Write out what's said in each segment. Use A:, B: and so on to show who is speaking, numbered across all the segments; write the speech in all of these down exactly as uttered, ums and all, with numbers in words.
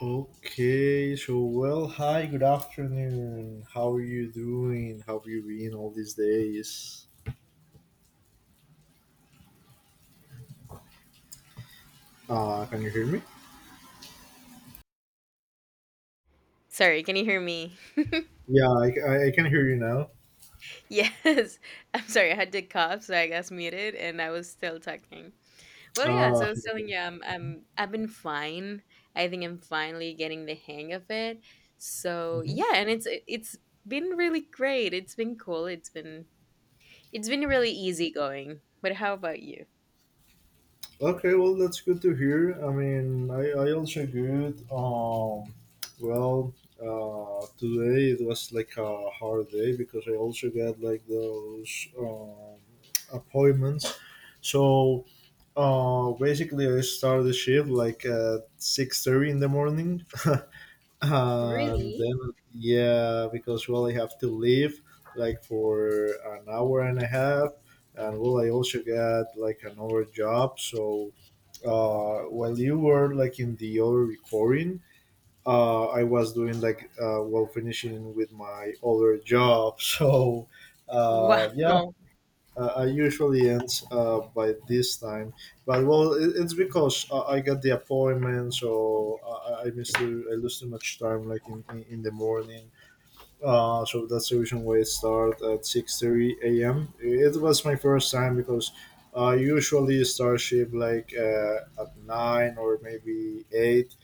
A: Okay, so well, hi, good afternoon. How are you doing? How have you been all these days? Uh, can you hear me?
B: Sorry, can you hear me?
A: Yeah, I, I, I can hear you now.
B: Yes. I'm sorry, I had to cough, so I got muted and I was still talking. Well, yeah, so
A: Uh,
B: I was telling you, I'm, I'm, I've been fine. I think I'm finally getting the hang of it. So
A: Mhm.
B: yeah, and it's it's been really great. It's been cool. It's been it's been really easy going. But how about you?
A: Okay, well, that's good to hear. I mean, I, I also good. Um, well, uh, Today it was like a hard day because I also got like those um, appointments. So uh, basically, I start the shift like at six thirty in the morning, and
B: Really?
A: then yeah because well I have to leave like for an hour and a half, and well I also got like another job. So uh while you were like in the other recording, uh I was doing like uh while finishing with my other job, so uh yeah
B: Wow.
A: uh, I usually end uh, by this time, but well, it, it's because I, I got the appointments, so I, I miss too, I lose too much time, like in, in, in the morning. Uh, so that's the reason why I start at six thirty a m. It was my first time because I usually start shift like uh, at nine or maybe eight,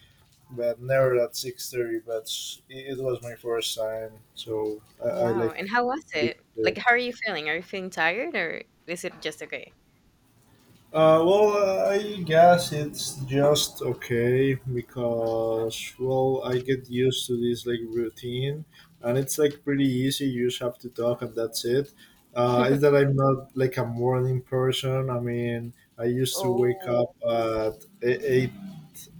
A: but never at six thirty. But it, it was my first time, so I, I
B: Wow.
A: like.
B: And how was it? Like, how are you feeling? Are you feeling tired or is it just okay?
A: Uh, well, I guess it's just okay because, well, I get used to this like routine, and it's like pretty easy. You just have to talk and that's it. Uh, it's that I'm not like a morning person. I mean, I used to wake
B: Oh,
A: up at e, eight,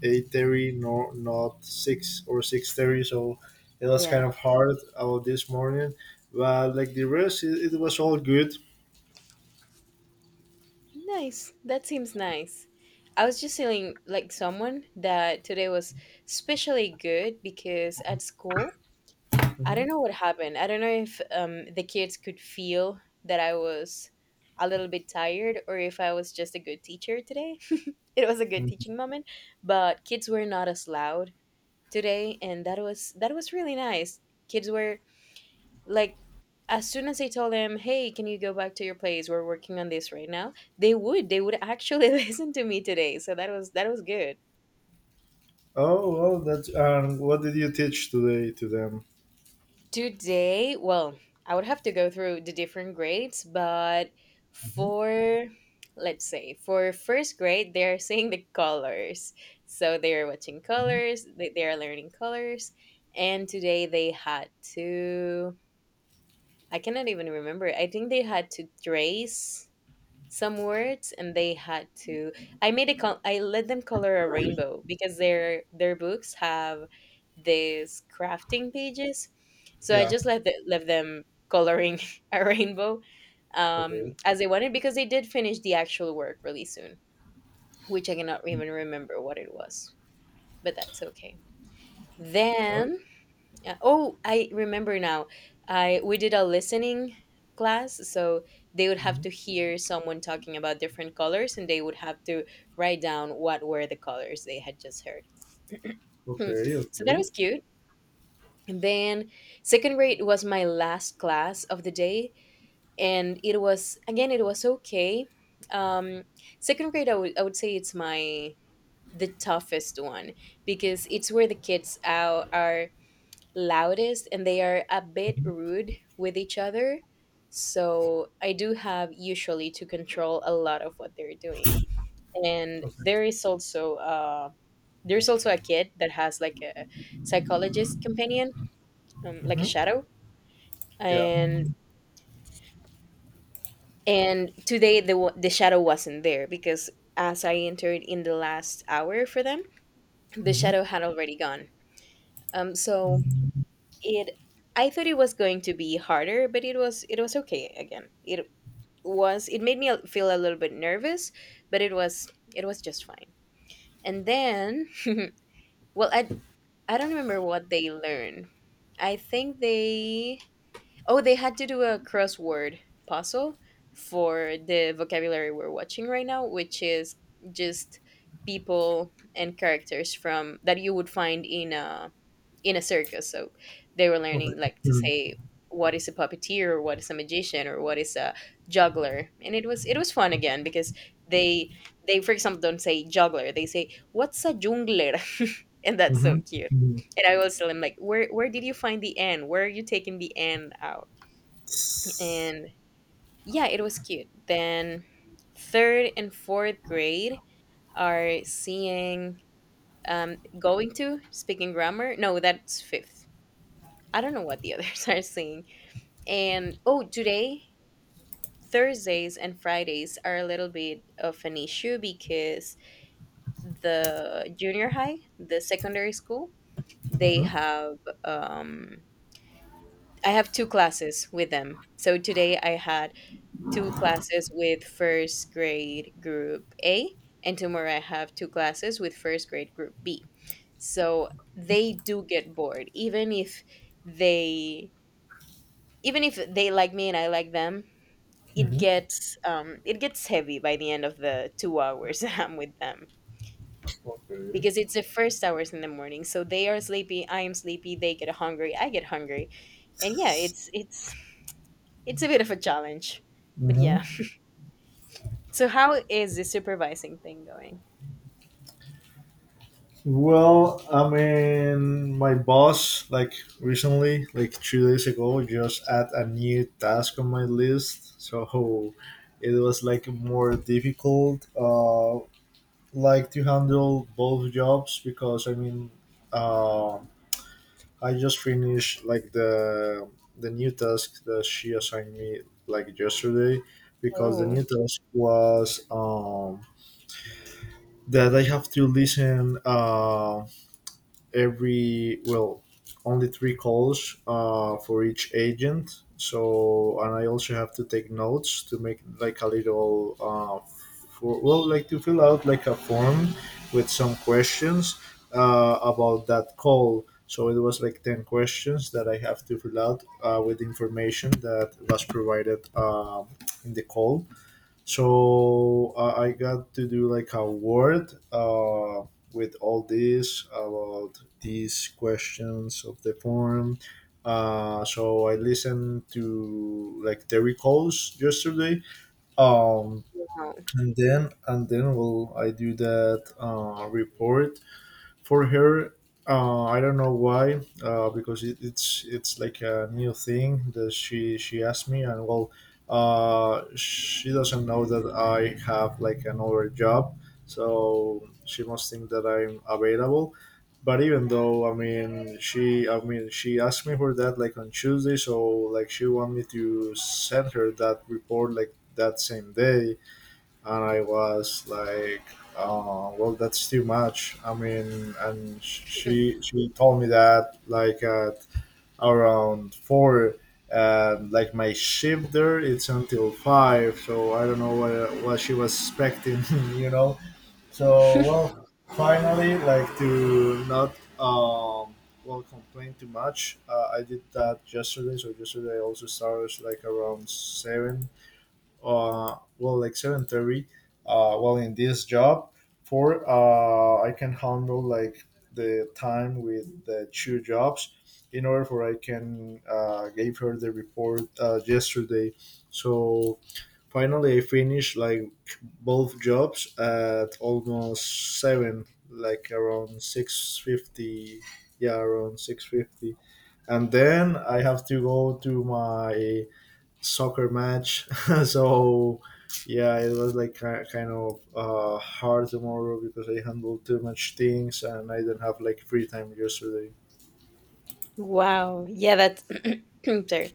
A: eight thirty, no, not six or six thirty. So it was kind
B: yeah.
A: of hard about this morning. But like the rest, it, it was all good.
B: Nice. That seems nice. I was just feeling like someone that today was especially good because at school, I
A: Hmm.
B: don't know what happened. I don't know if um, the kids could feel that I was a little bit tired or if I was just a good teacher today. It was a good teaching moment, but kids were not as loud today and that was that was really nice. Kids were like as soon as I told them, "Hey, can you go back to your place? We're working on this right now." They would. They would actually listen to me today. So that was that was good.
A: Oh, well, that's um, what did you teach today to them?
B: Today, well, I would have to go through the different grades, but
A: Mhm.
B: for let's say for first grade, they are seeing the colors. So they are watching colors, they, they are learning colors, and today they had to I cannot even remember. I think they had to trace some words and they had to i made a col- i let them color a rainbow because their their books have these crafting pages, so i
A: Yeah.
B: just let, the, left them coloring a rainbow um
A: Okay.
B: as they wanted, because they did finish the actual work really soon, which I cannot even remember what it was, but that's okay.
A: Oh,
B: Then yeah. Oh, I remember now. I We did a listening class, so they would have
A: Mhm.
B: to hear someone talking about different colors, and they would have to write down what were the colors they had just heard.
A: Okay.
B: So that
A: Okay.
B: was cute. And then second grade was my last class of the day, and it was again it was okay. Um, second grade, I would I would say it's my the toughest one, because it's where the kids are, are loudest and they are a bit
A: Mhm.
B: rude with each other. So I do have usually to control a lot of what they're doing. And
A: Okay.
B: there is also uh, there's also a kid that has like a psychologist companion, um, like a
A: Hmm.
B: shadow.
A: Yeah.
B: And and today the wa- the shadow wasn't there because as I entered in the last hour for them, the
A: Mhm.
B: shadow had already gone. Um, so it I thought it was going to be harder, but it was it was okay again. It was it made me a- feel a little bit nervous, but it was it was just fine. And then well, i i don't remember what they learned. I think they oh, they had to do a crossword puzzle for the vocabulary we're watching right now, which is just people and characters from that you would find in a in a circus. So they were
A: Okay.
B: learning like to
A: Mm-hmm.
B: say what is a puppeteer or what is a magician or what is a juggler. And it was it was fun again because they they for example don't say juggler. They say what's a jungler? And that's so cute.
A: Mhm.
B: And I was telling them like where where did you find the N? Where are you taking the N out? And yeah, it was cute. Then third and fourth grade are seeing um going to speaking grammar. No, that's fifth. I don't know what the others are saying. And oh, today, Thursdays and Fridays are a little bit of an issue because the junior high, the secondary school, they
A: Mhm.
B: have, um, I have two classes with them. So today I had two classes with first grade group A, and tomorrow I have two classes with first grade group B. So they do get bored, even if they even if they like me and I like them. It
A: Mhm.
B: gets um it gets heavy by the end of the two hours I'm with them,
A: Okay.
B: because it's the first hours in the morning. So they are sleepy, I am sleepy, they get hungry, I get hungry. And yeah, it's it's it's a bit of a challenge. But yeah.
A: Mhm.
B: So how is the supervising thing going?
A: Well, I mean, my boss, like recently, like two days ago, just add a new task on my list. So it was like more difficult. Uh, like to handle both jobs because I mean, uh, I just finished like the the new task that she assigned me like yesterday, because the
B: Oh,
A: new task was um, that I have to listen uh, every well, only three calls uh, for each agent. So and I also have to take notes to make like a little uh, for, well, like to fill out like a form with some questions uh, about that call. So it was like ten questions that I have to fill out uh, with information that was provided um in the call. So uh, I got to do like a word uh, with all this about these questions of the form. Uh, so I listened to like the recalls yesterday, um,
B: wow.
A: and then and then well, I do that uh, report for her. uh, I don't know why uh, because it, it's it's like a new thing that she she asked me, and well, uh, she doesn't know that I have like another job, so she must think that I'm available. But even though, i mean she, I mean, she asked me for that like on Tuesday, so like she want me to send her that report like that same day. And I was like, oh, well, that's too much. I mean, and sh- she she told me that like at around four, and like my shift there it's until five, so I don't know what what she was expecting, you know. So well, finally, like to not um well complain too much. Uh, I did that yesterday, so yesterday I also started like around seven, uh, well like seven thirty, uh, well in this job, for uh, I can handle like the time with the two jobs, in order for I can uh, gave her the report uh, yesterday. So finally I finished like both jobs at almost seven, like around six fifty, yeah, around six fifty, and then I have to go to my soccer match. So yeah, it was like ki- kind of uh, hard tomorrow because I handled too much things and I didn't have like free time yesterday.
B: Wow. Yeah, that's sorry.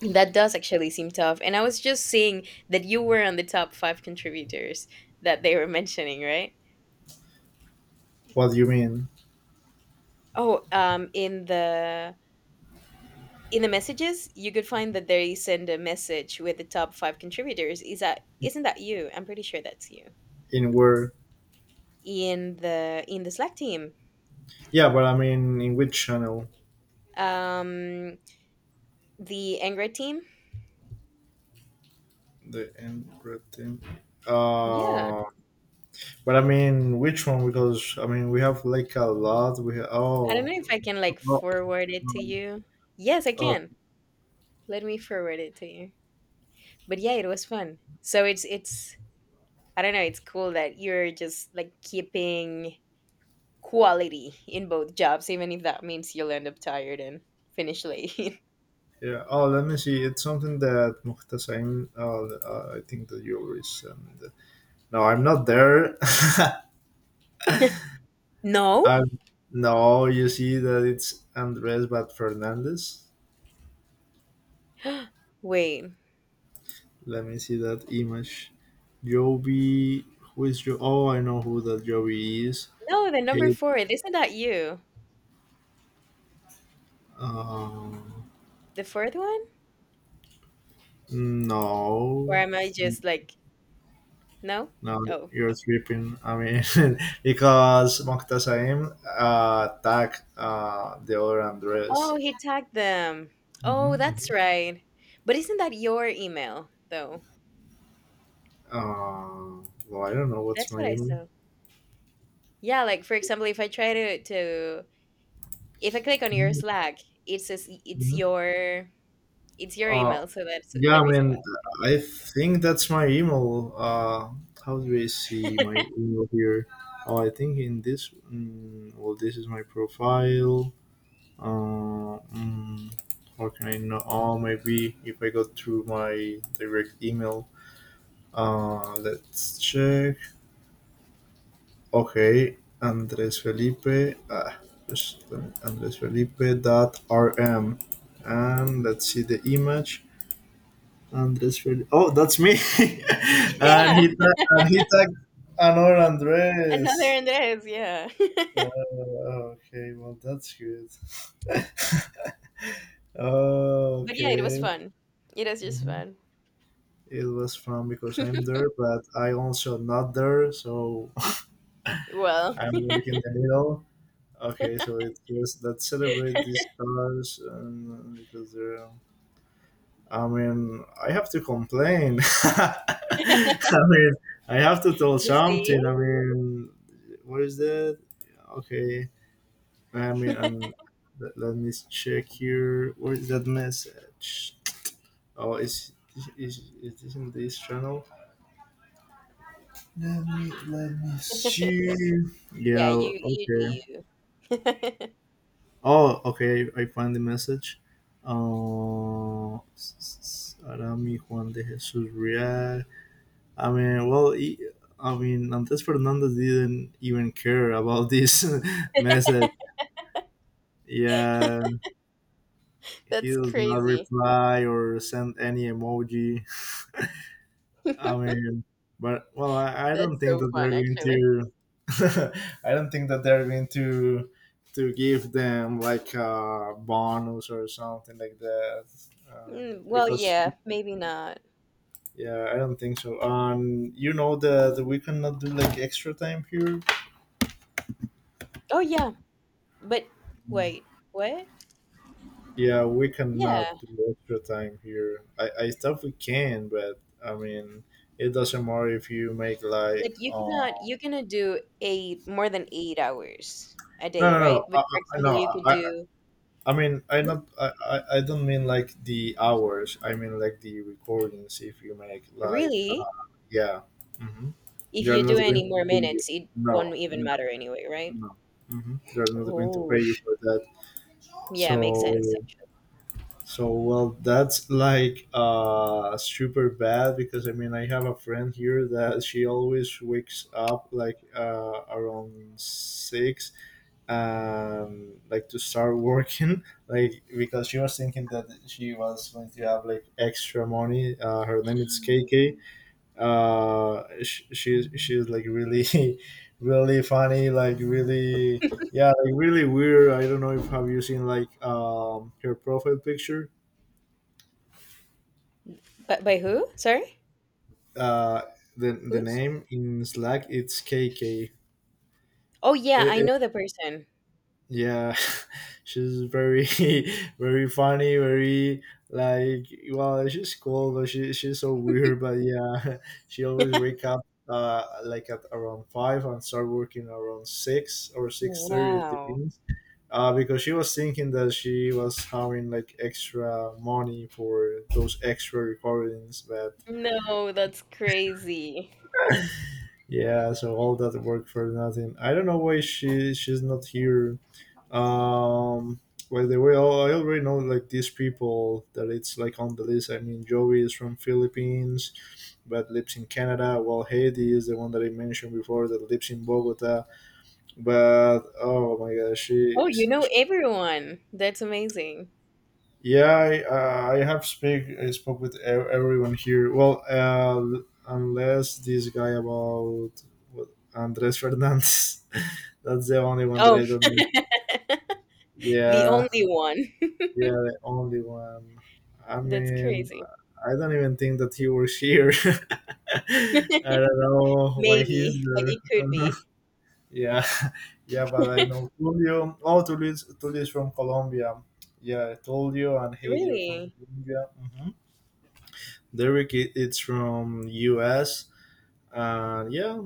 B: That does actually seem tough. And I was just seeing that you were on the top five contributors that they were mentioning, right?
A: What do you mean?
B: Oh, um, in the in the messages you could find that they send a message with the top five contributors. Is that isn't that you? I'm pretty sure that's you,
A: In where?
B: in the in the slack team.
A: Yeah, but I mean in which channel?
B: Um, the angry team.
A: The end red team.
B: Yeah,
A: Uh, but I mean which one? Because I mean we have like a lot. We ha-
B: I don't know
A: oh.
B: if I can like
A: No,
B: forward it to
A: um,
B: you. Yes, I
A: oh
B: can. Let me forward it to you. But yeah, it was fun, so it's it's I don't know, it's cool that you're just like keeping quality in both jobs even if that means you'll end up tired and finish late.
A: yeah. Oh, let me see. It's something that Muhtasim. Uh, uh, I think that you already sent. uh, No, I'm not there.
B: No.
A: I'm no. You see that it's Andres but Fernandez.
B: Wait.
A: Let me see that image. Joby, who is jo- Oh, I know who that Joby is.
B: No, the number
A: Hey,
B: four. Isn't that you?
A: uh,
B: The fourth one? Or
A: no,
B: am I just like, no?
A: no,
B: Oh.
A: you're tripping. I mean, because Moctazaim uh, attacked uh, the other Andres.
B: Oh, he tagged them.
A: Hmm.
B: Oh, that's right. But isn't that your email, though?
A: Uh, well, I don't know what's
B: That's
A: my
B: what I
A: email.
B: saw. Yeah, like for example, if I try to to if I click on your
A: Mhm,
B: Slack, it says it's your it's your email,
A: mhm.
B: so that's
A: Yeah,
B: the
A: I
B: reason why. I
A: mean,
B: took it.
A: I think that's my email. Uh, how do I see my email here? Oh, I think in this. Mm, well, this is my profile. Uh, mm, how can I know? Oh, maybe if I go through my direct email. Uh, let's check. Okay, Andres Felipe. Ah, just um, Andres Felipe dot rm, and let's see the image. Andres Fel- Oh, that's me. And
B: Yeah,
A: he ta- and he tagged another
B: another
A: Andres.
B: Andres. Yeah,
A: Uh, okay, well that's good.
B: but yeah, it was
A: Okay.
B: fun. It was just
A: Mhm.
B: fun.
A: It was fun because I'm there, but I also not there, so
B: Well,
A: I'm like in the middle. Okay, so it was let's celebrate these stars, and uh, because they're um, I mean, I have to complain. I mean, I have to tell
B: you see.
A: something. I mean, what is that? Okay. I mean, and let, let me check here. Where is that message? Oh, is is is this in this channel? Let me let me see.
B: Yeah,
A: Yeah.
B: you you
A: Okay.
B: do you.
A: Oh, okay. I find the message. Uh, Arami Juan de Jesus Real. I mean, well, he, I mean, Antes Fernandez didn't even care about this message. Yeah, he
B: That's
A: does not
B: crazy.
A: reply or send any emoji. I mean, but well, I, I
B: That's
A: don't think
B: so
A: that they're
B: fun,
A: going
B: actually.
A: to. I don't think that they're going to to give them like a bonus or something like that, um,
B: Mm, well,
A: because
B: yeah, maybe not.
A: yeah, I don't think so. Um, you know that we cannot do like extra time here.
B: Oh, yeah, but wait, what?
A: Yeah, we
B: Yeah,
A: cannot do extra time here. I, I stuff we can, but I mean, it doesn't matter if you make like
B: like you
A: um.
B: cannot you cannot do eight, more than eight hours a
A: No,
B: day,
A: no, no,
B: right?
A: I,
B: But for
A: I,
B: example,
A: no.
B: you could
A: I, I
B: do
A: I mean, I
B: yeah,
A: not. I, I, I don't mean like the hours. I mean like the recordings. If you make like, uh,
B: really.
A: yeah, mm-hmm.
B: If
A: They're
B: you do
A: not going
B: any
A: to
B: more
A: pay you.
B: minutes, it won't
A: No,
B: even
A: no,
B: matter anyway, right?
A: no. No. Mm-hmm. They're not going to pay
B: Oh,
A: you for that.
B: yeah, makes
A: So,
B: sense actually.
A: so well, that's like uh super bad because I mean I have a friend here that she always wakes up like uh around six, um like to start working, like because she was thinking that she was going to have like extra money. Uh, her name is K K. Uh, sh- she she's like really, really funny. Like really, yeah, like really weird. I don't know if have you seen like um her profile picture.
B: But by who? Sorry,
A: uh, the the
B: who's?
A: name in Slack it's K K.
B: Oh, yeah,
A: It-
B: I
A: it-
B: know the person.
A: yeah, she's very very funny, very like, well, she's cool, but she she's so weird. But yeah, she always wake up uh like at around five and start working around six or six thirty. It
B: Wow.
A: depends. Uh, because she was thinking that she was having like extra money for those extra recordings, but
B: No, that's crazy.
A: yeah, so all that work for nothing. I don't know why she she's not here. Um, by the way, I already know like these people that it's like on the list. I mean, Joey is from Philippines, but lives in Canada. While Heidi is the one that I mentioned before that lives in Bogota. But oh my gosh, she
B: Oh, you know everyone. That's amazing.
A: yeah, I, uh, I have speak I spoke with ev- everyone here. Well, uh, unless this guy about what, Andres Fernandez, that's the only one that
B: Oh,
A: I don't know.
B: the
A: Yeah,
B: only one.
A: yeah, the only one. I
B: That's
A: mean,
B: crazy.
A: I don't even think that he works here. I don't know why he's
B: Maybe. Like
A: there.
B: it could
A: Uh-huh.
B: be.
A: Yeah, yeah, but I know Tulio. Oh, Tulio is, Tulio is from Colombia. Yeah, Tulio and Heidi are from
B: Really?
A: Colombia. Mm-hmm. Derek, it, it's from U S. And yeah,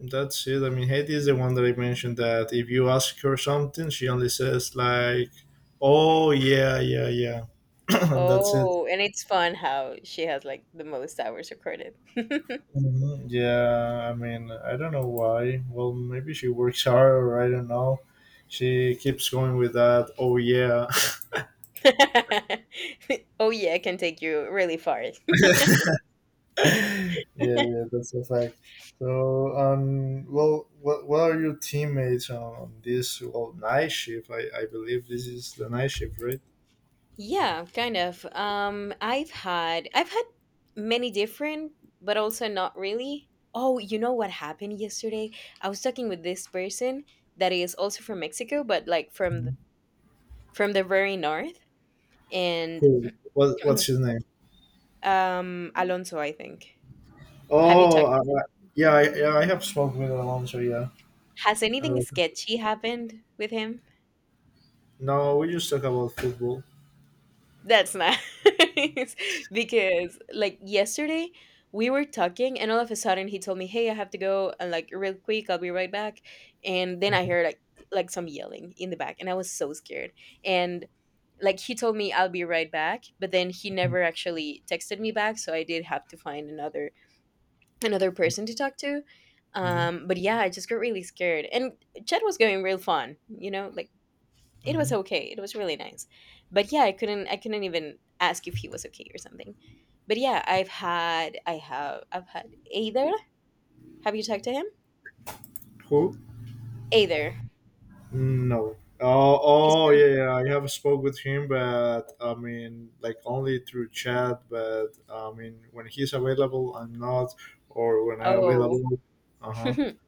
A: that's it. I mean, Haiti is the one that I mentioned that if you ask her something, she only says like, "Oh yeah, yeah, yeah," and that's it.
B: Oh, and it's fun how she has like the most hours recorded.
A: Mhm. Yeah, I mean, I don't know why. Well, maybe she works hard, or I don't know. She keeps going with that. Oh yeah.
B: Oh yeah, it can take you really far.
A: Yeah, yeah, that's a fact. So, um, well, what, what are your teammates on, on this well night shift? I, I believe this is the night shift, right?
B: Yeah, kind of. Um, I've had I've had many different, but also not really. Oh, you know what happened yesterday? I was talking with this person that is also from Mexico, but like from the,
A: Mhm.
B: from the very north, and
A: Who? What, what's his name?
B: um, Alonso, I think. Have you
A: Oh,
B: talked to him?
A: uh, yeah, I, yeah, I have spoken with Alonso. Yeah.
B: Has
A: I
B: anything sketchy happened with him?
A: No, we just talk about football.
B: That's nice. Because like yesterday we were talking and all of a sudden he told me, "Hey, I have to go and like real quick, I'll be right back." And then I
A: Mm-hmm.
B: heard like like some yelling in the back and I was so scared. And like he told me I'll be right back, but then he never actually texted me back, so I did have to find another another person to talk to. Um, but yeah, I just got really scared. And chat was going real fun, you know? Like, it was
A: Mm-hmm.
B: okay, it was really nice, but yeah, i couldn't i couldn't even ask if he was okay or something. But yeah, i've had i have i've had either, have you talked to him?
A: Who?
B: Either,
A: No. Oh,
B: he's
A: oh
B: from
A: yeah, yeah. I have spoke with him, but I mean, like only through chat. But I mean, when he's available, I'm not, or when I'm
B: oh.
A: available. Uh huh.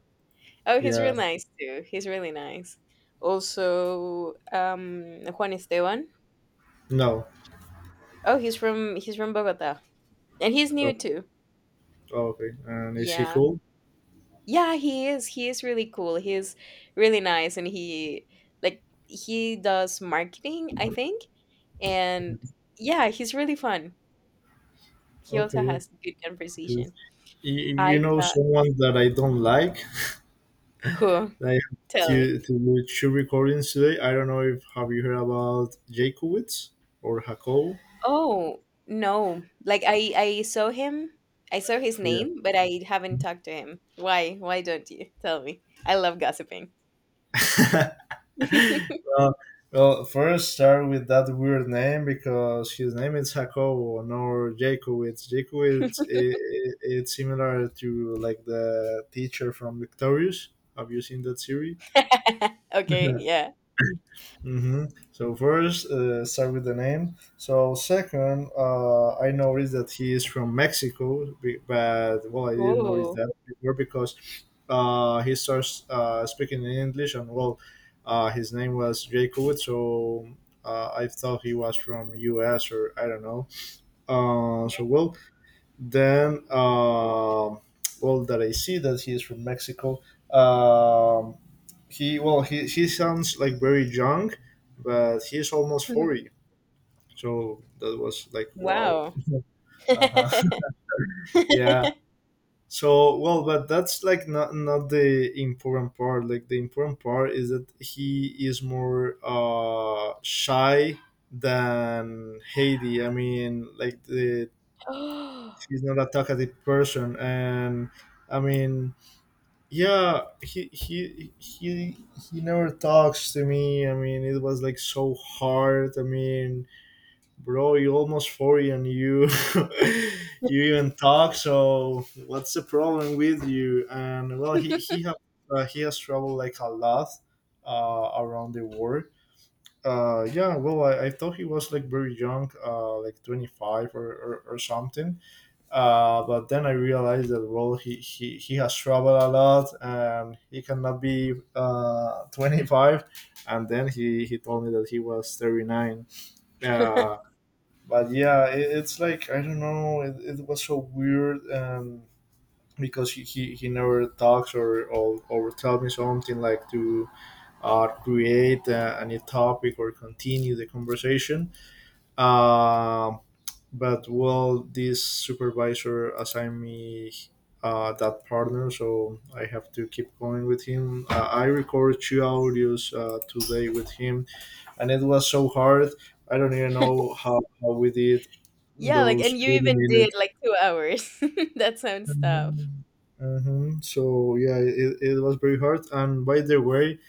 B: Oh, he's
A: Yeah.
B: real nice too, he's really nice. Also um, Juan Esteban.
A: No.
B: Oh, he's from he's from Bogota, and he's new too.
A: Oh, okay. And is he
B: Yeah,
A: cool?
B: yeah, he is he is really cool, he's really nice. And he like, he does marketing, I think. And yeah, he's really fun. He also
A: Okay. Yeah.
B: has good
A: Because
B: conversation.
A: You you
B: I
A: know
B: thought,
A: someone that I don't like.
B: who?
A: Like
B: Tell me.
A: to to do two recordings today. I don't know if have you heard about Jakowitz or Jacob?
B: Oh, no. Like I I saw him. I saw his
A: Yeah.
B: name, but I haven't talked to him. Why? Why don't you? Tell me. I love gossiping.
A: Uh, well, first start with that weird name because his name is Jacobo, or Jakowitz. Jakowitz, it it it's similar to like the teacher from Victorious. Have you seen that series?
B: Okay, yeah.
A: Mm-hmm. So first, uh, start with the name. So second, uh, I noticed that he is from Mexico, be- but well, I didn't notice
B: Oh.
A: that before because uh, he starts uh, speaking in English, and well, uh, his name was Jacob, so uh, I thought he was from U S or I don't know. Uh, so well, then uh, well that I see that he is from Mexico. Um, he well, he he sounds like very young, but he's almost forty. So that was like wow.
B: Wow.
A: Uh huh. Yeah. So well, but that's like not not the important part. Like the important part is that he is more uh shy than Haiti. I mean, like the
B: Yeah,
A: He's not a talkative person, and I mean yeah, he he he he never talks to me. I mean, it was like so hard. I mean, bro, you almost forty and you you even talk. So what's the problem with you? And well, he he have uh, he has traveled like a lot uh around the world. Uh yeah, well, i, I thought he was like very young, uh like twenty-five or or, or something, uh, but then I realized that well, he, he, he has traveled a lot and he cannot be uh, twenty-five. And then he, he told me that he was thirty-nine. Uh, but yeah, it, it's like I don't know. It, it was so weird, um, because he, he, he never talks or, or or tell me something like to uh, create uh, a new topic or continue the conversation. Um, but well, this supervisor assigned me uh, that partner, so I have to keep going with him. uh, I recorded two audios uh, today with him, and it was so hard. I don't even know how, how we did
B: like
A: those
B: and you
A: eighty
B: even did
A: minutes.
B: like two hours. That sounds tough.
A: Mhm. Mhm. So yeah, it, it was very hard. And by the way,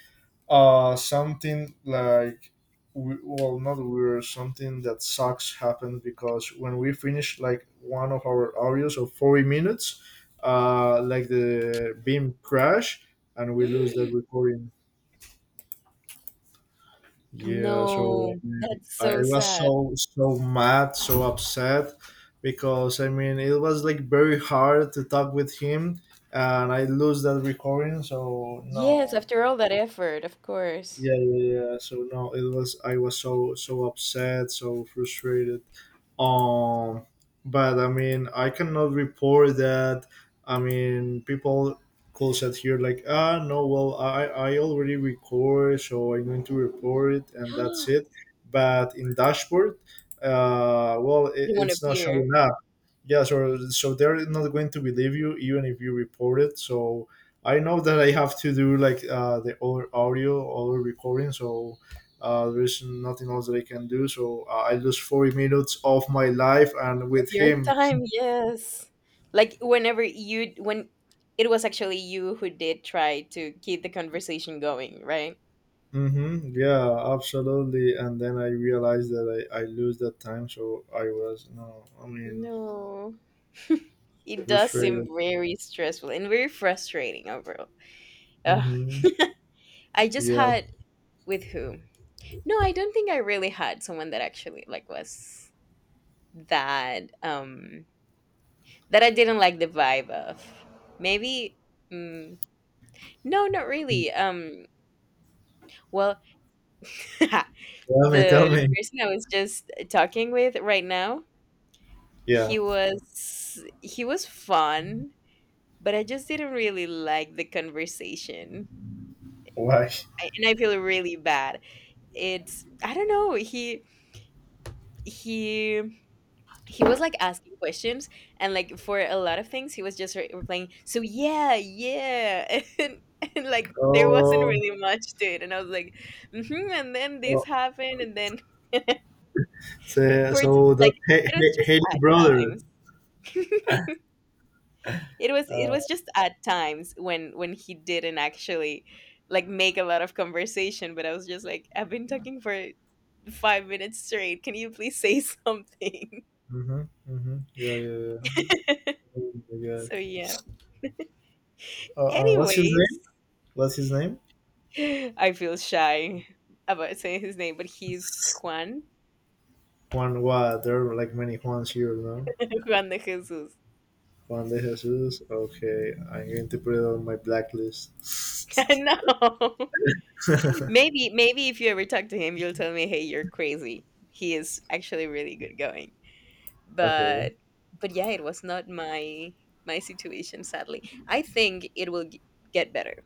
A: uh, something like we, well, not weird. Something that sucks happened because when we finished like one of our audios of forty minutes, uh, like the beam crash and we lose that recording. Yeah, so
B: No,
A: I, mean,
B: that's
A: I I
B: so
A: was
B: sad.
A: so, so mad, so upset because I mean it was like very hard to talk with him, and I lose that recording. So
B: Yes,
A: no,
B: after all that effort, of course.
A: yeah, yeah, yeah. So no, it was I was so, so upset, so frustrated. Um, but I mean, I cannot report that. I mean, people call out here like, ah, no, well, I I already record, so I'm going to report it, and that's
B: You
A: it. But in dashboard, uh, well, it,
B: won't
A: it's not
B: appear of
A: showing up. Yeah, so so they're not going to believe you even if you report it. So I know that I have to do like uh, the other audio, other recording. So uh, there's nothing else that I can do. So uh, I lose forty minutes of my life and with
B: your
A: him.
B: time, yes. Like whenever you when it was actually you who did try to keep the conversation going, right?
A: Hmm, yeah, absolutely. And then I realized that I, I lose that time. So I was, no, I mean,
B: No. It does seem
A: frustrated.
B: very stressful and very frustrating overall. Ugh.
A: Hmm.
B: I just
A: Yeah.
B: had with who? No, I don't think I really had someone that actually like was that um, that I didn't like the vibe of. Maybe mm, no, not really, um, well,
A: Tell me, tell
B: the
A: me.
B: person I was just uh, talking with right now,
A: Yeah.
B: he was he was fun, but I just didn't really like the conversation.
A: Why?
B: I and I feel really bad. It's I don't know, he he he was, like, asking questions, and, like, for a lot of things, he was just re replying, "So, yeah, yeah," and and, like, there wasn't
A: Oh,
B: really much to it, and I was like, "Mhm, and then this
A: oh.
B: happened, and then"
A: So,
B: for it
A: so that
B: like
A: Ha-
B: it was
A: Ha-
B: just
A: Haley's
B: at
A: brother.
B: times. it was it
A: Uh,
B: was just at times when when he didn't actually like make a lot of conversation, but I was just like, I've been talking for five minutes straight, can you please say something.
A: mm-hmm, mm-hmm. Yeah, yeah, yeah. Oh my God.
B: So yeah,
A: Uh, uh, what's his
B: anyways,
A: name? What's his name?
B: I feel shy about saying his name, but he's Juan.
A: Juan, what? There are like many Juans here, no?
B: Juan de Jesus.
A: Juan de Jesus. Okay, I'm going to put it on my blacklist.
B: I know. Maybe maybe if you ever talk to him, you'll tell me, hey, you're crazy. He is actually really good going,
A: okay.
B: but but yeah, it was not my my situation, sadly. I think it will g- get better.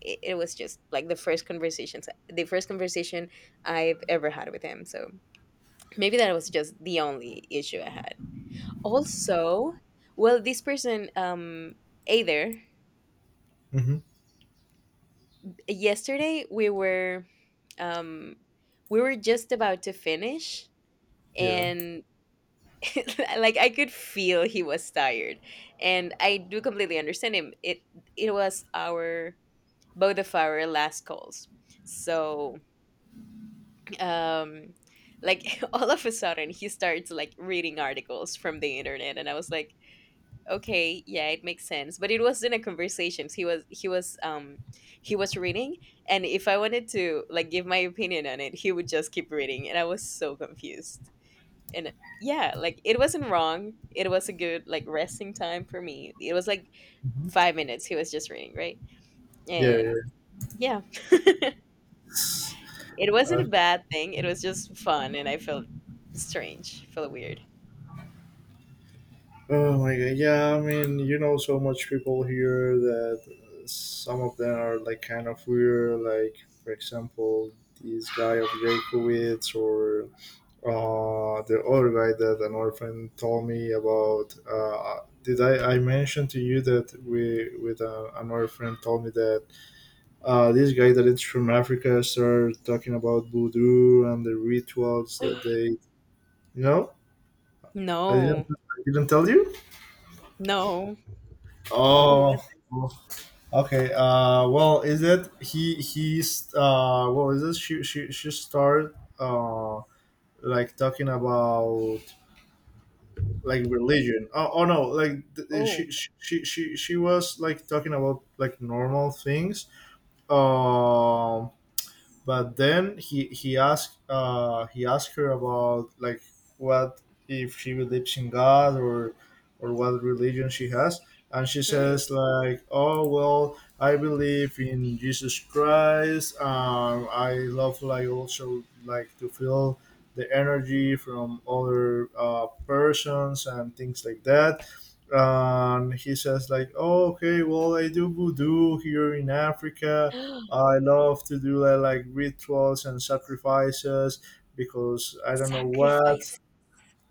B: it, it was just like the first conversations the first conversation I've ever had with him, so maybe that was just the only issue I had. Also, well, this person um either
A: Hmm.
B: yesterday we were, um we were just about to finish,
A: Yeah.
B: and like I could feel he was tired, and I do completely understand him. It it was our both of our last calls, so um, like all of a sudden he starts like reading articles from the internet, and I was like, okay, yeah, it makes sense. But it was in a conversation. He was he was um he was reading, and if I wanted to like give my opinion on it, he would just keep reading, and I was so confused. And yeah, like it wasn't wrong, it was a good like resting time for me. It was like
A: Mm-hmm.
B: five minutes he was just reading, right?
A: Yeah. Yeah.
B: And yeah, it wasn't a
A: Uh,
B: bad thing, it was just fun, and I felt strange, felt weird.
A: oh my god. Yeah. I mean, you know, so much people here that uh, some of them are like kind of weird. Like, for example, this guy of Jakowitz or Uh, the other guy that an orphan told me about. Uh, did I, I mention to you that we with uh, another friend told me that uh, this guy that is from Africa started talking about voodoo and the rituals that they, you know. I didn't
B: No,
A: I didn't tell you.
B: no, who was
A: Oh,
B: it?
A: oh, okay uh well, is that he he's uh well, is this she she she started uh like talking about like religion. Oh, oh no, like th- th-
B: Oh,
A: she, she she she she was like talking about like normal things. Um, but then he he asked, uh, he asked her about like what if she believes in God or or what religion she has, and she
B: mm.
A: says like, oh well, I believe in Jesus Christ. Um, I love like also like to feel the energy from other uh, persons and things like that. And he says like, oh okay, well I do voodoo here in Africa. I love to do uh, like rituals and sacrifices because I don't know what.
B: Sacrifice.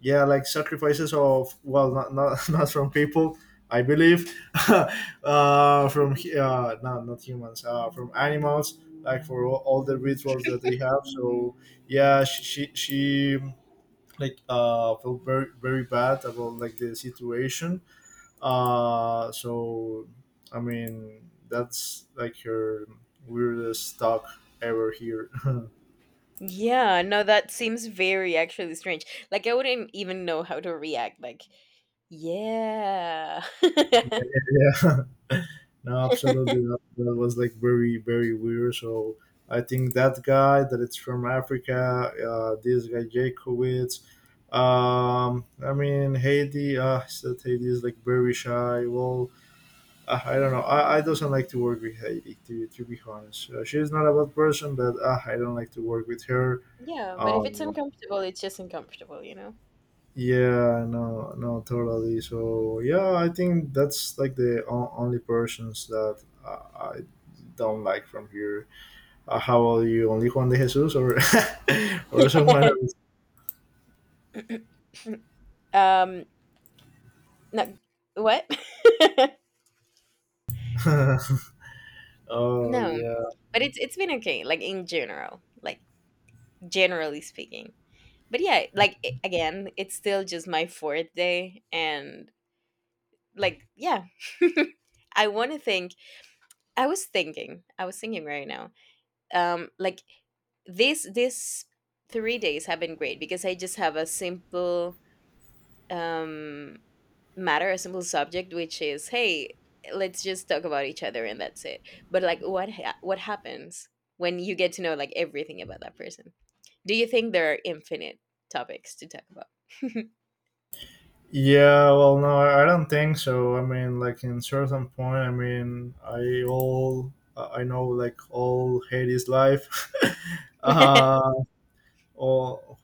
A: Yeah, like sacrifices of well, not not, not from people. I believe uh, from hu- uh, no, not humans, uh, from animals. Like for all, all the rituals that they have. So yeah, she she, she like uh, felt very, very bad about like the situation, uh, so I mean, that's like her weirdest talk ever here.
B: Yeah, no, that seems very actually strange. Like I wouldn't even know how to react, like, yeah.
A: Yeah. No, absolutely not. That was like very, very weird. So I think that guy that it's from Africa, uh, this guy Jakowitz. Um, I mean Haiti. Uh, that Haiti is like very shy. Well, uh, I don't know. I, I doesn't like to work with Haiti. To to be honest, uh, she's not a bad person, but uh, I don't like to work with her.
B: Yeah, but if it's
A: Um,
B: uncomfortable, it's just uncomfortable, you know.
A: Yeah, no, no, totally. So yeah, I think that's like the o- only persons that uh, I don't like from here. Uh, how about you? Only Juan de Jesus or or someone else?
B: Um, no, what?
A: oh
B: No,
A: yeah,
B: but it's it's been okay, like in general, like generally speaking. But yeah, like i- again, it's still just my fourth day, and like yeah, I want to think. I was thinking, I was thinking right now. Um, like this this three days have been great because I just have a simple um, matter, a simple subject, which is, hey, let's just talk about each other and that's it. But like, what ha- what happens when you get to know like everything about that person? Do you think there are infinite topics to talk about?
A: yeah. Well, no, I I don't think so. I mean, like in certain point, I mean, I all I know like all Hades life. uh, all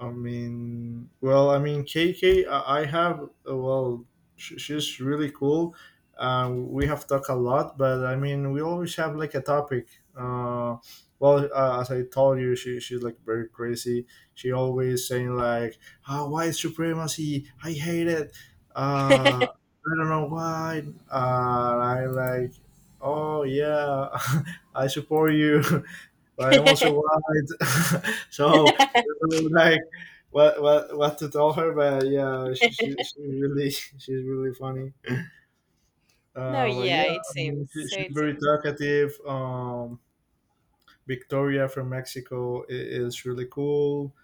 A: I mean, well, I mean, K K, I I have, uh, well, sh- she's really cool. Uh, we have talked a lot, but I mean, we always have like a topic. Uh, well, uh, as I told you, she, she's like very crazy. She always saying like, oh, white supremacy, I hate it. Uh, I don't know why. Uh, I like, oh yeah, I support you. but I'm also white. so I don't know, like what what what to tell her, but yeah, she, she she's really she's really funny.
B: No,
A: Uh, but
B: yeah,
A: yeah,
B: it
A: I mean,
B: seems.
A: she,
B: So
A: she's
B: it
A: very
B: seems.
A: talkative. Um, Victoria from Mexico i- is really cool.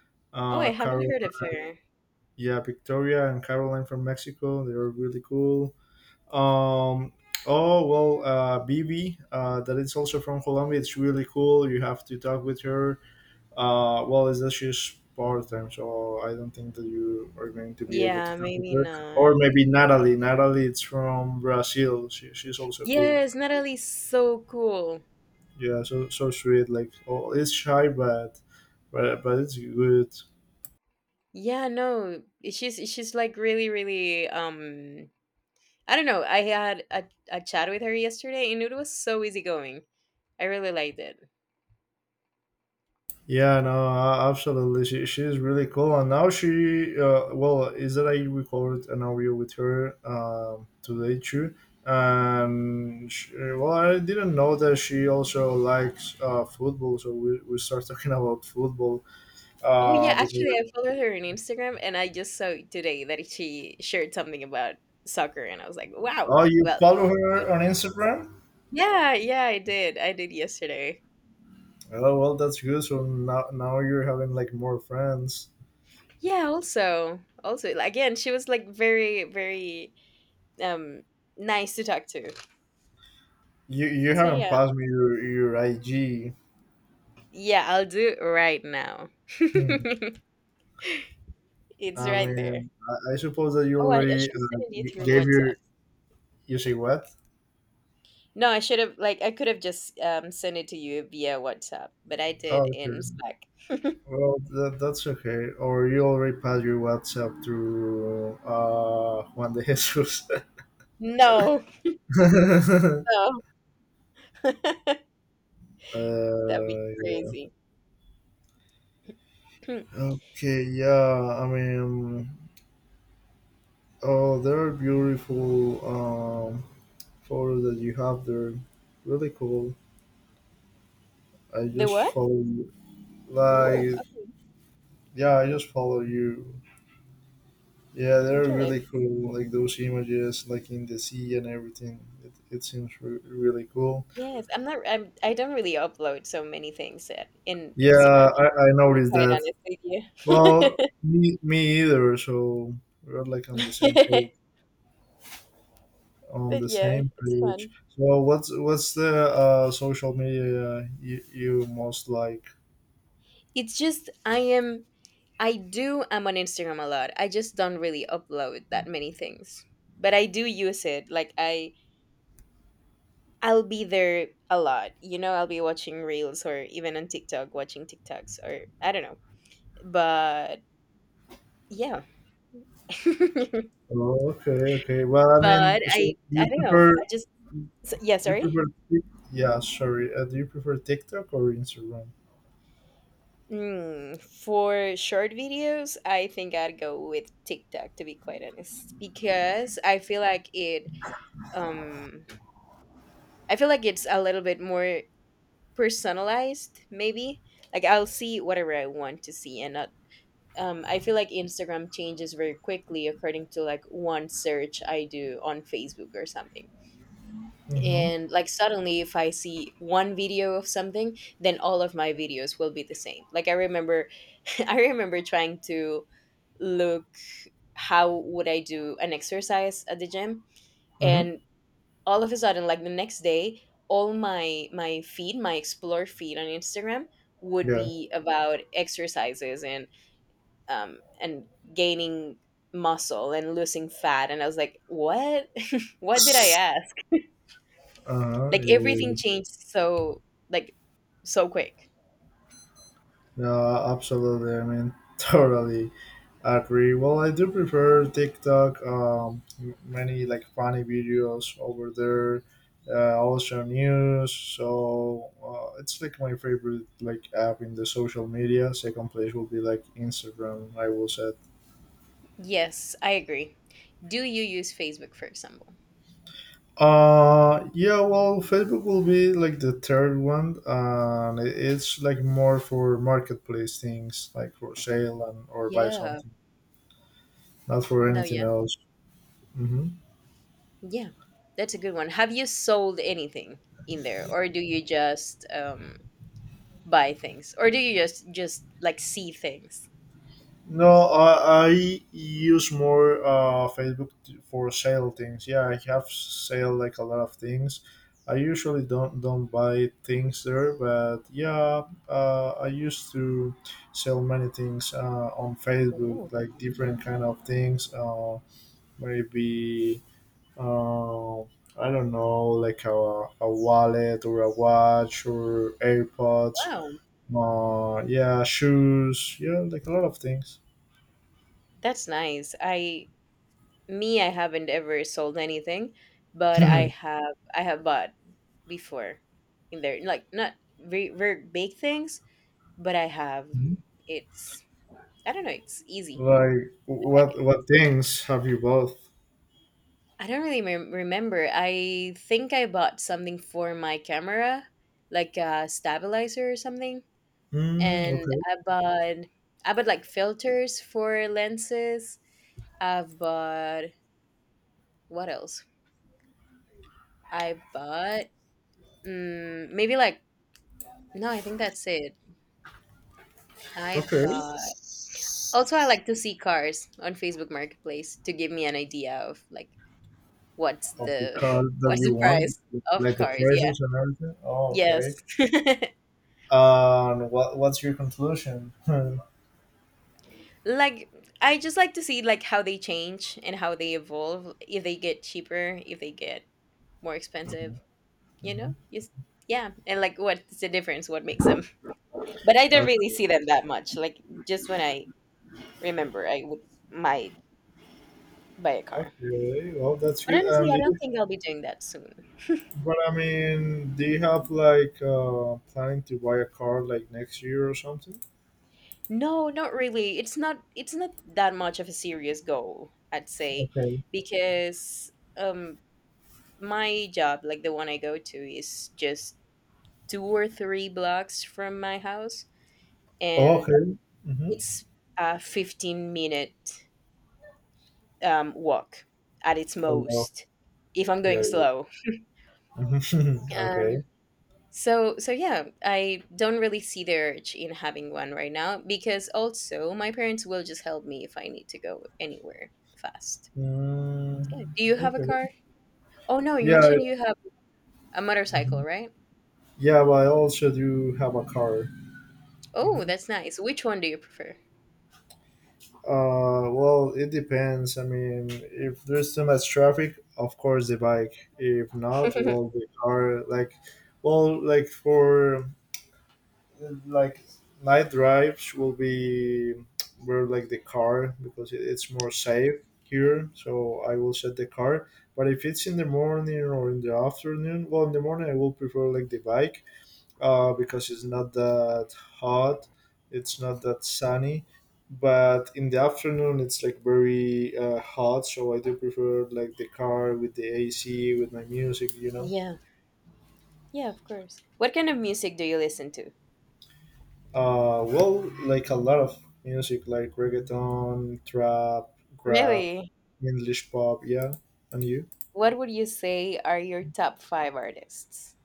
B: Oh, I
A: Uh,
B: haven't
A: Carol,
B: heard of her.
A: yeah, Victoria and Caroline from Mexico, they're really cool. Um, oh well, uh, Bibi, uh, that is also from Colombia. It's really cool. You have to talk with her. Uh, well, it's just huge part time, so I don't think that you are going to be able to
B: Yeah,
A: talk with
B: maybe
A: her.
B: not.
A: Or maybe Natalie. Natalie, it's from Brazil. She, she's also cool.
B: Yes, Natalie's so cool.
A: Yeah, so so sweet. Like, oh, it's shy, but but but it's good.
B: Yeah, no, she's she's like really, really um I don't know. I had a, a chat with her yesterday and it was so easygoing. I really liked it.
A: Yeah, no, a- absolutely. She, she's really cool, and now she, uh, well, is that I recorded an audio with her um, today too, and she, well, I didn't know that she also likes uh, football, so we, we start talking about football.
B: Oh yeah,
A: Uh, because,
B: actually I followed her on Instagram and I just saw today that she shared something about soccer, and I was like, wow.
A: oh, you
B: Well,
A: follow
B: so
A: her on Instagram?
B: yeah, yeah, I did. I did yesterday.
A: Oh, well, that's good. So now, now you're having like more friends.
B: Yeah, also. Also again, she was like very very um nice to talk to.
A: You you
B: So
A: haven't
B: yeah.
A: passed me your your I G.
B: Yeah, I'll do it right now.
A: Hmm.
B: It's
A: I
B: right there.
A: mean, I I suppose that you
B: Oh, I, I
A: already
B: should have
A: uh,
B: sent it you
A: g-
B: through
A: gave your.
B: WhatsApp.
A: You say what?
B: No, I should have like I could have just, um, sent it to you via WhatsApp, but I did
A: Oh,
B: in
A: okay.
B: Slack.
A: Well, that, that's okay. Or you already passed your WhatsApp through uh, Juan de Jesus.
B: No, no. That'd be
A: Uh, yeah.
B: crazy.
A: Okay, yeah. I mean, oh, there are beautiful um, photos that you have there. Really cool. I
B: The
A: just
B: what?
A: follow,
B: Ooh,
A: like,
B: okay.
A: yeah, I just follow you. Yeah, they're
B: Okay, let-
A: really cool. Like those images, like in the sea and everything. It, it seems re- really cool.
B: Yes, I'm not I'm I don't really upload so many things at in
A: Yeah,
B: Instagram,
A: I, I
B: to be
A: noticed
B: quite
A: that.
B: honest with you.
A: Well, me, me either. So we're like on the same page. On
B: But
A: the
B: yeah,
A: same
B: it's
A: page.
B: fun.
A: So what's what's the uh, social media you, you most like?
B: It's just I am I do I'm on Instagram a lot. I just don't really upload that many things. But I do use it. Like I I'll be there a lot. You know, I'll be watching reels or even on TikTok, watching TikToks or I don't know. But yeah,
A: Oh, okay, okay. Well, I mean,
B: but
A: so
B: I
A: do
B: I
A: you
B: don't know.
A: prefer
B: I
A: do
B: just s- yeah.
A: you
B: Sorry.
A: prefer Tik- yeah, sorry. Uh, do you prefer TikTok or Instagram?
B: Mm, for short videos, I think I'd go with TikTok to be quite honest, because I feel like it. Um, I feel like it's a little bit more personalized. Maybe like I'll see whatever I want to see and not, um, I feel like Instagram changes very quickly according to like one search I do on Facebook or something.
A: Mm-hmm.
B: And like suddenly, if I see one video of something, then all of my videos will be the same. Like I remember, I remember trying to look how would I do an exercise at the gym,
A: Mm-hmm.
B: and all of a sudden, like the next day, all my my feed, my explore feed on Instagram would
A: Yeah.
B: be about exercises and um, and gaining muscle and losing fat, and I was like what, what did I ask?
A: Uh-huh.
B: Like
A: Yeah. yeah, yeah.
B: everything changed so like so quick.
A: Yeah, absolutely. I mean, totally agree. Well, I do prefer TikTok. Um, m- many like funny videos over there. Uh, also news. So uh, it's like my favorite like app in the social media. Second place will be like Instagram, I will say.
B: Yes, I agree. Do you use Facebook, for example?
A: Uh, yeah. Well, Facebook will be like the third one, and it- it's like more for marketplace things, like for sale and or buy
B: Yeah,
A: something, not for
B: no,
A: anything
B: yeah,
A: else. Mm-hmm.
B: yeah, that's a good one. Have you sold anything in there, or do you just um buy things, or do you just just like see things?
A: No, I, I use more uh, Facebook t- for sale things. Yeah, I have sale like a lot of things. I usually don't don't buy things there, but yeah, uh, I used to sell many things uh, on Facebook,
B: Oh
A: like different kind of things. Uh, maybe uh, I don't know, like a, a wallet or a watch or AirPods.
B: wow,
A: Uh, yeah, shoes. Yeah, like a lot of things.
B: that's nice. I Me, I haven't ever sold anything, but I have I have bought before in there. Like not very very big things, but I have. It's I don't know, it's easy.
A: Like
B: I like
A: what
B: it.
A: what things have you both?
B: I don't really mem- remember. I think I bought something for my camera, like a stabilizer or something,
A: Mm,
B: and
A: okay,
B: I bought I bought like filters for lenses. I've bought, what else? I bought, mm, maybe like, no, I think that's it. I
A: okay.
B: uh, also I like to see cars on Facebook Marketplace to give me an idea of like what's
A: Of the
B: the
A: car that
B: what's
A: you
B: the
A: want,
B: price of
A: like the
B: cars. Yeah.
A: prices and everything. Oh,
B: Yes.
A: okay. And what what's your conclusion?
B: Like I just like to see like how they change and how they evolve, if they get cheaper, if they get more expensive, you know?
A: Mhm.
B: Yes. Yeah, and like what's the difference? What makes them? But I don't really
A: Okay.
B: see them that much. Like just when I remember I would might buy a car.
A: Okay, well, that's
B: But
A: good.
B: honestly,
A: And
B: I
A: do
B: don't
A: you,
B: think I'll be doing that soon.
A: but I mean, do you have like uh, planning to buy a car like next year or something?
B: No, not really. It's not it's not that much of a serious goal, I'd say,
A: Okay.
B: because um my job, like the one I go to, is just two or three blocks from my house,
A: Oh,
B: and
A: okay. Mm-hmm.
B: it's a fifteen minute um walk at its
A: Oh, no.
B: most if I'm going
A: Yeah,
B: slow.
A: yeah.
B: Um
A: Okay.
B: So so yeah, I don't really see the urge in having one right now because also my parents will just help me if I need to go anywhere fast.
A: Mm,
B: Yeah. Do you have a
A: okay.
B: car? Oh no, you
A: Yeah.
B: mentioned
A: I-
B: you have a motorcycle,
A: mhm.
B: right?
A: Yeah, but I also do have a car.
B: Oh,
A: hmm
B: that's nice. Which one do you prefer?
A: Uh, well, it depends. I mean, if there's too much traffic, of course the bike. If not, well, the car. Like, well, like for like night drives will be where like the car because it, it's more safe here. So I will set the car. But if it's in the morning or in the afternoon, well, in the morning I will prefer like the bike uh, because it's not that hot, it's not that sunny. But in the afternoon, it's like very uh, hot, so I do prefer like the car with the A C with my music, you know.
B: Yeah. Yeah, of course. What kind of music do you listen to?
A: Uh, well, like a lot of music, like reggaeton, trap, rap,
B: Really?
A: English pop, yeah. And you?
B: What would you say are your top five artists?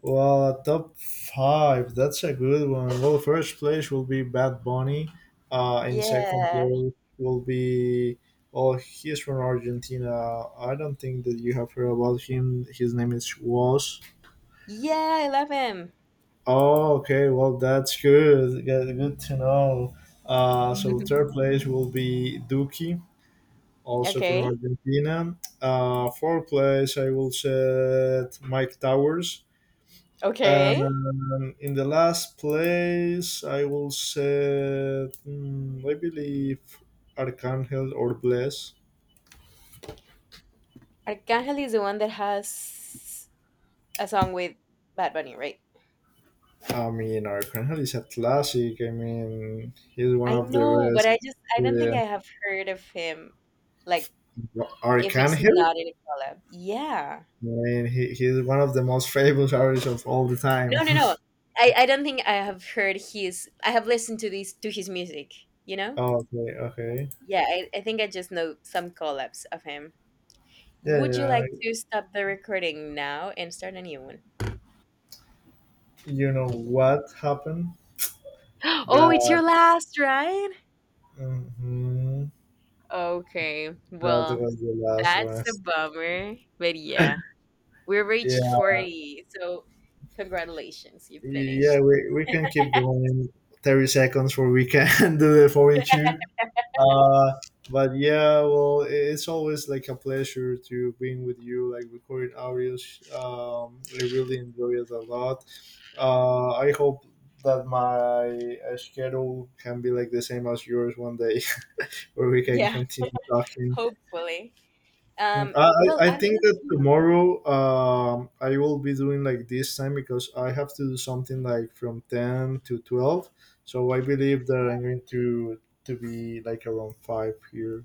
A: Well, a top five, that's a good one. Well, first place will be Bad Bunny. Uh, in second
B: Yeah.
A: place will be, oh, he's from Argentina. I don't think that you have heard about him. His name is Was.
B: Yeah, I love him.
A: Oh, okay. Well, that's good. Good good to know. Uh, so third place will be Duki, also from
B: Okay.
A: Argentina. Uh, fourth place, I will set Mike Towers.
B: Okay.
A: And in the last place, I will say, mm, I believe Arcangel or Bless.
B: Arcángel is the one that has a song with Bad Bunny, right?
A: I mean, Arcangel is a classic. I mean, he's one
B: I
A: of
B: know,
A: the
B: but
A: best.
B: I just I don't think
A: Yeah.
B: I have heard of him. Like, if it's
A: Arcangel?
B: not in a collab, yeah.
A: I mean, he, he's one of the most famous artists of all the time.
B: No, no, no. I I don't think I have heard his. I have listened to these to his music. You know.
A: Okay, okay.
B: Yeah, I, I think I just know some collabs of him.
A: Yeah,
B: Would you like
A: yeah.
B: to stop the recording now and start a new one?
A: You know what happened?
B: Oh, it's your
A: That,
B: last, right?
A: mhm,
B: Okay.
A: that
B: Well,
A: was the last
B: that's
A: one.
B: a bummer. But yeah. We
A: Yeah.
B: reached forty. So, congratulations, you finished.
A: Yeah, we, we can keep going thirty seconds for we can do the forty-two. Uh, but yeah, well, i- it's always like a pleasure to being with you, like recording audios. Um, I really enjoy it a lot. Uh, I hope that my uh, schedule can be like the same as yours one day, where we can
B: Yeah,
A: continue talking.
B: hopefully.
A: Mm,
B: Um,
A: I,
B: well,
A: I I
B: I don't
A: think
B: know
A: that
B: if you.
A: tomorrow um, I will be doing like this time because I have to do something like from ten to twelve. So I believe that I'm going to to be like around five here.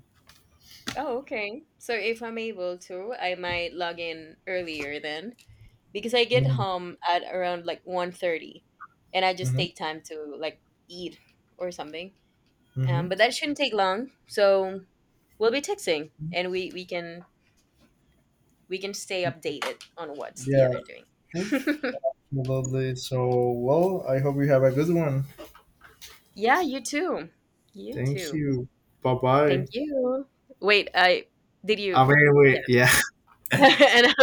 B: Oh, okay. So, if I'm able to, I might log in earlier then because I get
A: Mm,
B: home at around like one thirty, and I just
A: mhm,
B: take time to like eat or something. Um,
A: mhm.
B: but that shouldn't take long. So, we'll be texting, and we we can we can stay updated on what's the
A: Yeah,
B: other doing.
A: sure. Lovely. So, well, I hope you have a good one.
B: Yeah, you too. You
A: Thank
B: too.
A: you. Bye
B: Thank
A: bye.
B: you. Wait, I did you?
A: Ah, wait,
B: Yeah.
A: wait. Yeah.
B: And I